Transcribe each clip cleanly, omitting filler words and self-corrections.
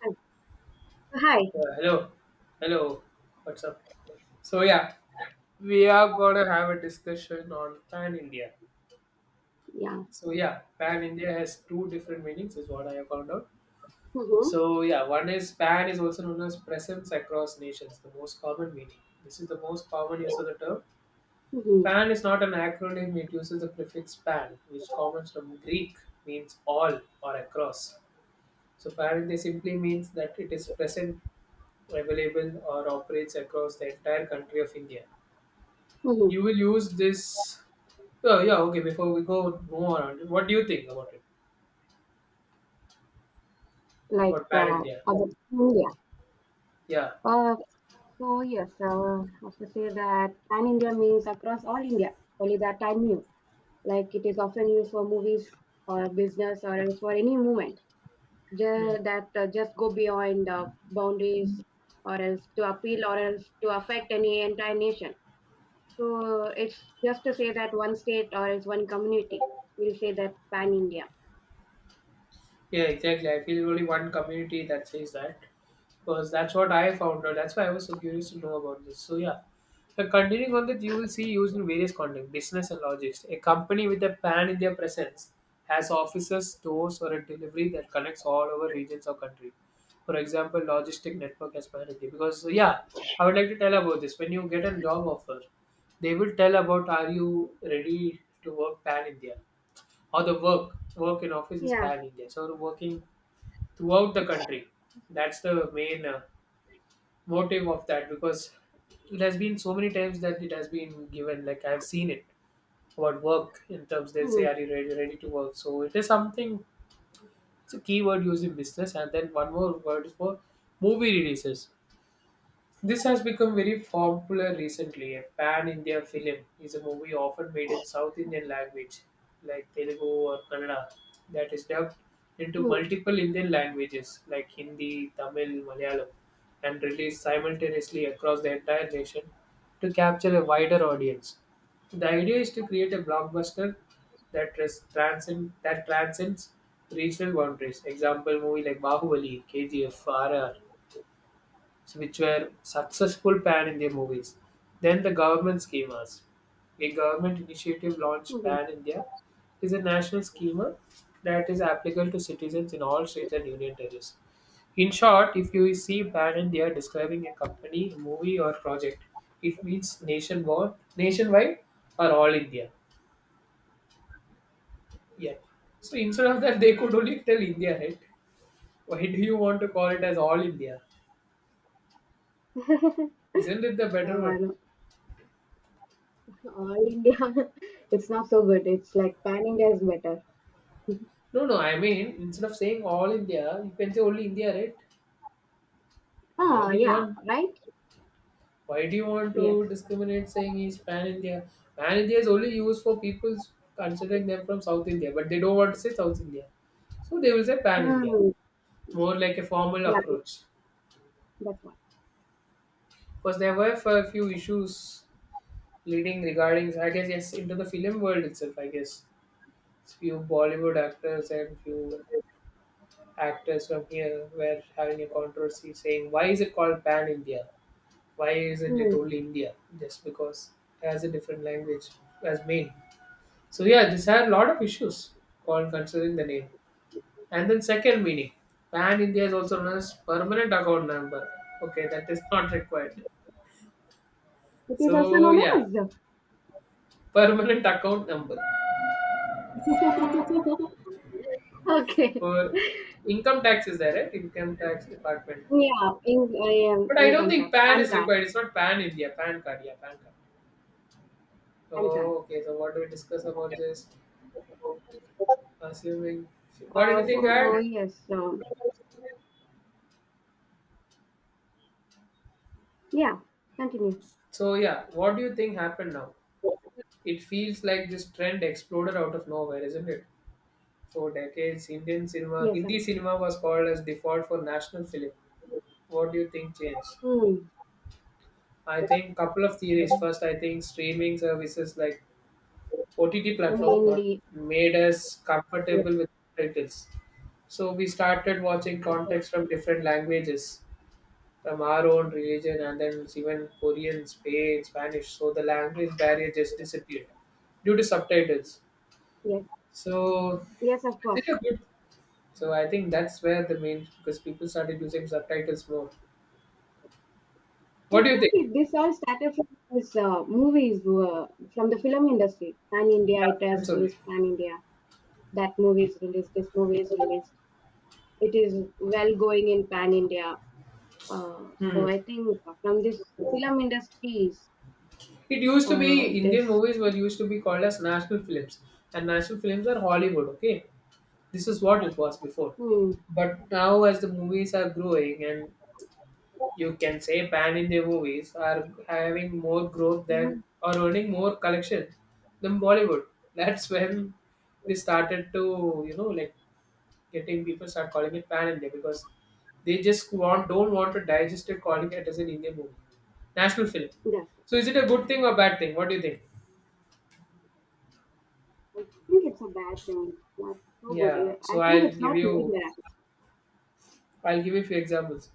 Hi. Hi. Uh, hello, hello. What's up? So yeah, we are gonna have a discussion on Pan India. Yeah. So yeah, Pan India has two different meanings, is what I have found out. Mm-hmm. So yeah, one is Pan is also known as presence across nations, the most common meaning. This is the most common use of the term. Mm-hmm. Pan is not an acronym; it uses the prefix pan, which comes from Greek, means all or across. So Pan India simply means that it is present, available, or operates across the entire country of India. Mm-hmm. You will use this. Oh, yeah, okay, before we go move on, what do you think about it, about Like pan India? other India. Yeah. Uh, so yes, I was to say that pan India means across all India. Only that I knew. Like it is often used for movies or business or else for any movement. Ju- Mm. that just go beyond boundaries or else to appeal or else to affect any entire nation. So it's just to say that one state or else one community will say that pan India. Yeah, exactly, I feel only one community that says that. Because that's what I found out. That's why I was so curious to know about this. So yeah. But continuing on that, you will see used in various contexts, business and logistics. A company with a pan-India presence has offices, stores, or a delivery that connects all over regions or country. For example, logistic network as pan-India. Because yeah, I would like to tell about this. When you get a job offer, they will tell about are you ready to work pan-India, or the work in office is Yeah. pan-India. So working throughout the country. That's the main motive of that, because it has been so many times that it has been given, like, I've seen it about work in terms they'll say Mm-hmm. are you ready to work, so it is something, it's a keyword used in business. And then one more word is for movie releases. This has become very popular recently. A pan India film is a movie often made in South Indian language, like Telugu or Kannada, that is dubbed into Mm-hmm. multiple Indian languages like Hindi, Tamil, Malayalam, and released simultaneously across the entire nation to capture a wider audience. The idea is to create a blockbuster that transcends regional boundaries. Example movie like Bahubali, KGF, RR, which were successful pan India movies. Then the government schemas. A government initiative launched Mm-hmm. Pan India is a national schema that is applicable to citizens in all states and union territories. In short, if you see Pan India describing a company, movie, or project, it means nationwide or all India. Yeah. So instead of that, they could only tell India, right? Why do you want to call it as all India? Isn't it the better one? No, all India, it's not so good. It's like pan India is better. No, no. I mean, instead of saying all India, you can say only India, right? India Ah, means yeah, one. right? Why do you want Yes. to discriminate saying he's pan India? Pan India is only used for people considering them from South India, but they don't want to say South India. So they will say pan India, Hmm. more like a formal Yeah, approach. that's why. Because there were a few issues leading regarding, I guess, yes, into the film world itself, I guess. Few Bollywood actors and few actors from here were having a controversy saying, why is it called pan India? Why isn't it Hmm. only India? Just because it has a different language as main. So yeah, this had a lot of issues while considering the name. And then second meaning, Pan India is also known as permanent account number. Okay, that is not required. It is also So known yeah, as. permanent account number Okay. for income tax is there, right? Income tax department. Yeah, in I am But I don't income think card, PAN pan is card, required. It's not PAN India, PAN card, yeah, PAN card. pan card. Oh, okay. So what do we discuss about this? Assuming, got anything to So add? yes, yeah. Continue. So yeah, what do you think happened now? It feels like this trend exploded out of nowhere, isn't it? For decades, Indian cinema, Yes, of Hindi course. cinema was called as default for national film. What do you think changed? Hmm. I think couple of theories. First, I think streaming services like OTT platform not Mainly. made us Yes, comfortable with titles. So we started watching of course. context from different languages from our own religion, and then it's even Korean, Spain, Spanish. So the language barrier just disappeared due to subtitles. Yes, So yes, of is it course. a good? So I think that's where the main, because people started using subtitles more. I What do you think think? This all started from his movies, from the film industry. Pan India, it Yeah, has films only. released Pan India. That movie is released. This movie is released. It is well going in Pan India. So Hmm. I think from this film industries, It used to be Indian this movies were used to be called as national films, and national films are Hollywood. Okay, this is what it was before. hmm, But now, as the movies are growing, and you can say Pan India movies are having more growth than mhm. or earning more collections than Bollywood. That's when they started to, like, getting people start calling it Pan India because they just want don't want to digest it calling it as an Indian movie. National film. Yes, So is it a good thing or bad thing? What do you think? I think it's a bad thing. It's not so good. Yeah. So I think I'll it's give not made you there. I'll give you a few examples.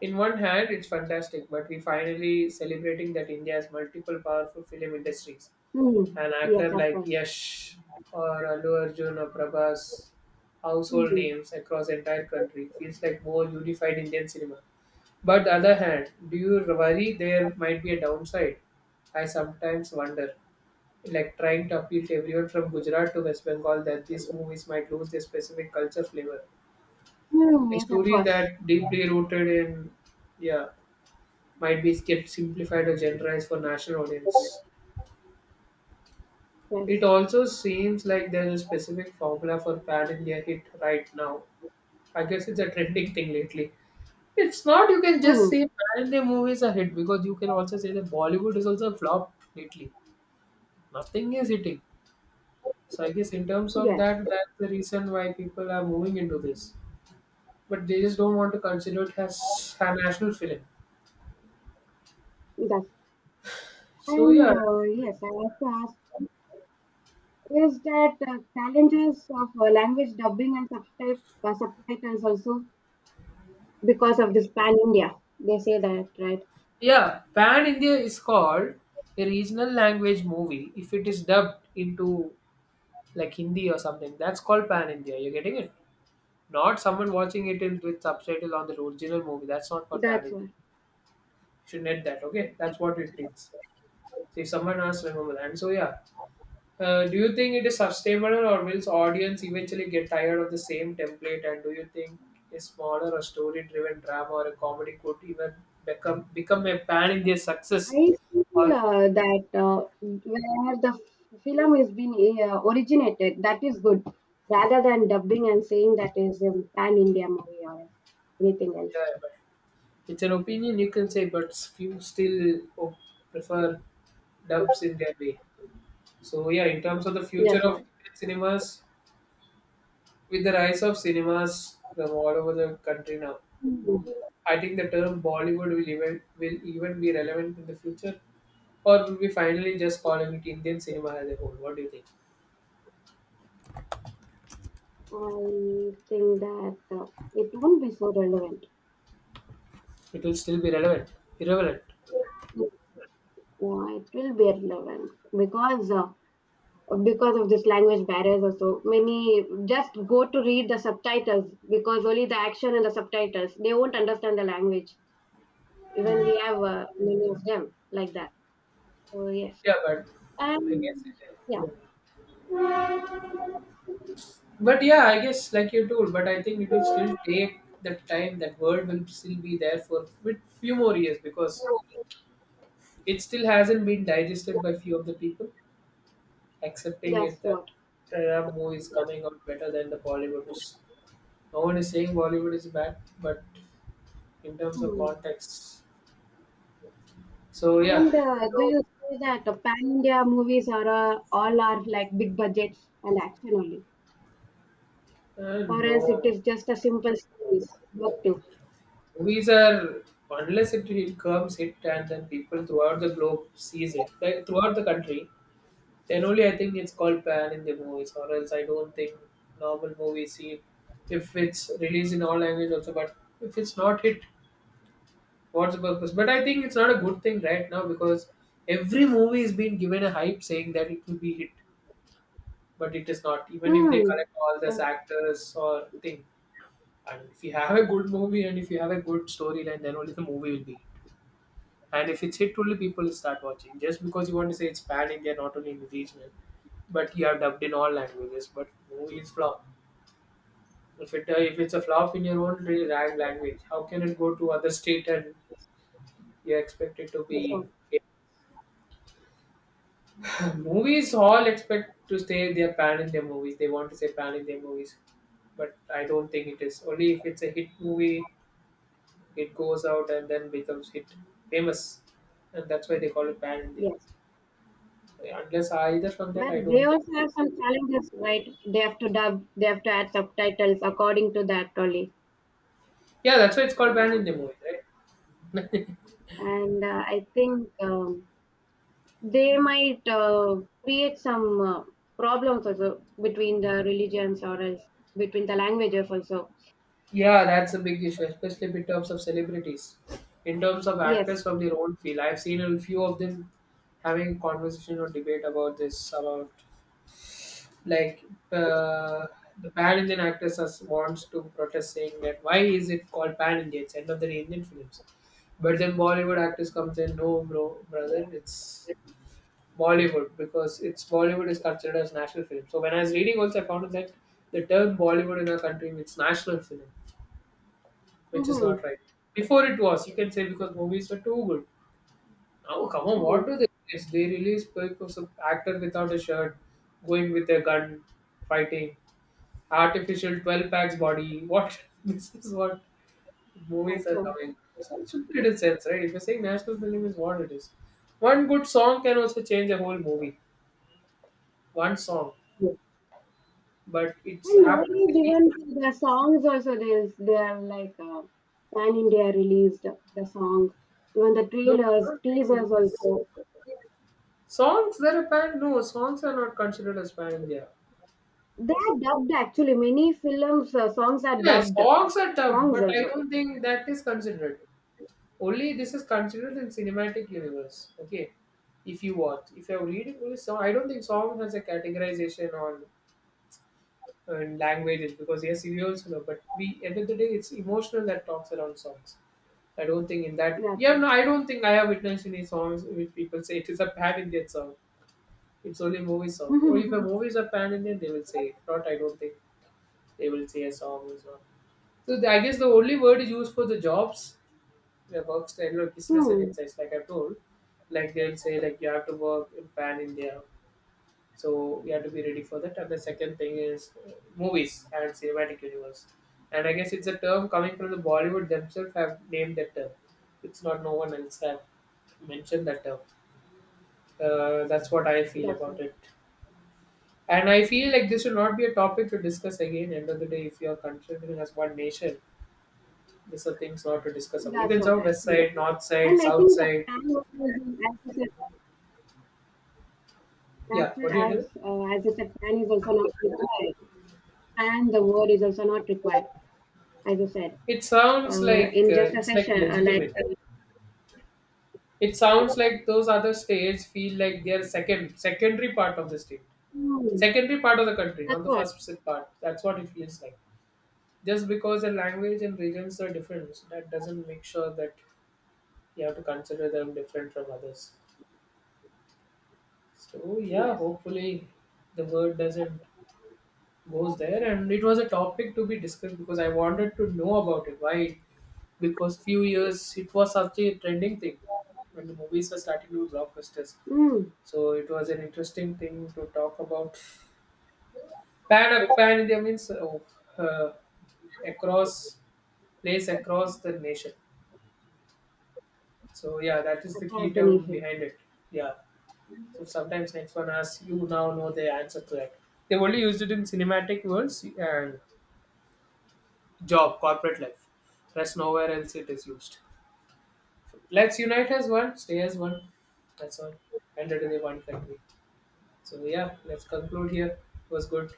In one hand, it's fantastic, but we finally celebrating that India has multiple powerful film industries. Hmm. An Yes, actor of like course. Yash or Allu Arjun or Prabhas, household Hmm. names across entire country, feels like more unified Indian cinema. But the other hand, do you worry there might be a downside? I sometimes wonder, like trying to appeal to everyone from Gujarat to West Bengal, that these movies might lose their specific culture flavor. Hmm. The Yes, of stories course. that deeply rooted in, yeah, might be kept simplified or generalized for national audience. It Yes. also seems like there's a specific formula for Pan India hit right now. I guess it's a trending thing lately. It's not, you can just Hmm. say Pan India movies are hit because you can also say that Bollywood is also a flop lately. Nothing is hitting. So I guess in terms of Yes. that, that's the reason why people are moving into this. But they just don't want to consider it as a national film. that's So and yeah, yes, I have to ask is that challenges of language dubbing and subtitles also because of this pan India? They say that, right? yeah, Pan India is called a regional language movie if it is dubbed into like Hindi or something. That's called Pan India. You're getting it? Not someone watching it in with subtitle on the original movie. That's not called Pan That's India. why. Should net that, okay? That's what it means. So if someone asks, remember that. And so yeah. Do you think it is sustainable, or will audience eventually get tired of the same template, and do you think a smaller or story driven drama or a comedy could even become a pan India success, I feel or that where the film is being originated, that is good, rather than dubbing and saying that is a pan India movie or anything else. yeah. It's an opinion you can say, but few still prefer dubs in their way. So yeah, in terms of the future Yes, of or Indian cinemas, with the rise of cinemas from all over the country now, I think the term Bollywood will even be relevant in the future, or will we finally just calling it Indian cinema as a whole? What do you think? I think that it won't be so relevant. It will still be relevant, irrelevant. Yeah, it will be relevant because uh, because of this language barriers or so many just go to read the subtitles because only the action and the subtitles they won't understand the language, even we Mm. have many of them like that. So yes, Yeah, but I guess. yeah, uh, mm. But yeah, I guess like you told, but I think it will still take the time. That word will still be there for with few more years because it still hasn't been digested by few of the people, accepting that's it that what. Sriram movie is coming out better than the Bollywoods. No one is saying Bollywood is bad, but in terms of Hmm. context, so yeah, And do no, you say that pan India movies are all are like big budgets and action only, or else it no. is just a simple stories? What to? Movies are unless it comes hit and then people throughout the globe sees it, like, throughout the country. Then only I think it's called pan in the movies, or else I don't think normal movie scene. If it's released in all language also, but if it's not hit, what's the purpose? But I think it's not a good thing right now because every movie is being given a hype saying that it will be hit, but it is not. Even if they Hmm. collect all these Yes. actors or thing, and if you have a good movie and if you have a good storyline, then only the movie will be hit. And if it's hit only people will start watching. Just because you want to say it's pan India, not only in regional, but you have dubbed in all languages. But movie is flop. If it's a flop in your own rag language, how can it go to other state and you expect it to Yes, be? movies all expect to say they are pan in their movies. They want to say pan in their movies, but I don't think it is. Only if it's a hit movie, it goes out and then becomes hit famous, and that's why they call it pan India. yes. Yeah, unless either from that, But I they don't think also it have is. some challenges, right? They have to dub, they have to add subtitles according to that only. Yeah, that's why it's called ban in the So, movies, right? and I think they might create some problems also between the religions or else between the languages also. Yeah, that's a big issue, especially in terms of celebrities. In terms of actors Yes. from their own field, I've seen a few of them having conversation or debate about this, about like uh, the pan Indian actors as wants to protest saying that why is it called pan Indian? It's end of the day Indian films. But then Bollywood actors comes in, no, bro, brother, it's Bollywood because it's Bollywood is considered as national film. So when I was reading also, I found out that the term Bollywood in our country means national film, which is not Mm-hmm. right. Before it was, you can say because movies were too good. Now, come on, what Mm, do they? It's, they release because of actor without a shirt, going with a gun, fighting, artificial 12 packs body. What this is what movies that's are all. coming. So it should be little sense, right? If you're saying national film is what it is, one good song can also change a whole movie. One song. Yes. But it's And have to nowadays, be even the songs also, they are like pan India released the songs, even the no, I trailers, don't think teasers also. songs they're a band. No, songs are not considered as band in India. They are dubbed actually. Many films songs are Yeah, dubbed songs are tough, but songs I also. don't think that is considered. Only this is considered in cinematic universe. Okay, if you watch, if you're reading only song, I don't think song has a categorization on languages because yes, you also know. But we end of the day, it's emotional that talks around songs. I don't think in that. That's Yeah, what. no, I don't think I have witnessed any songs which people say it is a bad Indian song. It's only movie song. Or if a movies are pan Indian, they will say. If not, I don't think they will say a song or so. So the, I guess the only word is used for the jobs, the works, the business and Hmm. insights. Like I told, like they will say like you have to work in pan India, so you have to be ready for that. And the second thing is movies and cinematic universe. And I guess it's a term coming from the Bollywood themselves have named that term. It's not no one else have mentioned that term. That's what I feel That's about what. it. And I feel like this should not be a topic to discuss again. End of the day, if you are considering as one nation, these are things not to discuss about. You That's can say what west actually. side, north side, And I think south the side. fan was, as you said, Yeah, what do you do? As you said, fan is also not required. And the word is also not required, as I said. It sounds like In just a it's like session, like legitimate. It sounds like those other states feel like they are second, secondary part of the state, hmm, secondary part of the country, that's not the what. first sit part. That's what it feels like. Just because the language and regions are different, that doesn't make sure that you have to consider them different from others. So yeah, Yes. hopefully the word doesn't goes there. And it was a topic to be discussed because I wanted to know about it. Why? Because few years it was such a trending thing when the movies were starting to do blockbusters. Mm, So it was an interesting thing to talk about. Pan India means uh, across place across the nation. So yeah, that is the key across the term nation. behind it. Yeah. So sometimes next one asks you now know the answer to that. They only used it in cinematic worlds and Job, corporate life. That's nowhere else it is used. Let's unite as one, stay as one. That's all. And it is a one country. So yeah, let's conclude here. It was good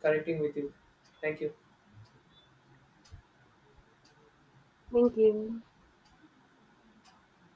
connecting with you. Thank you. Thank you.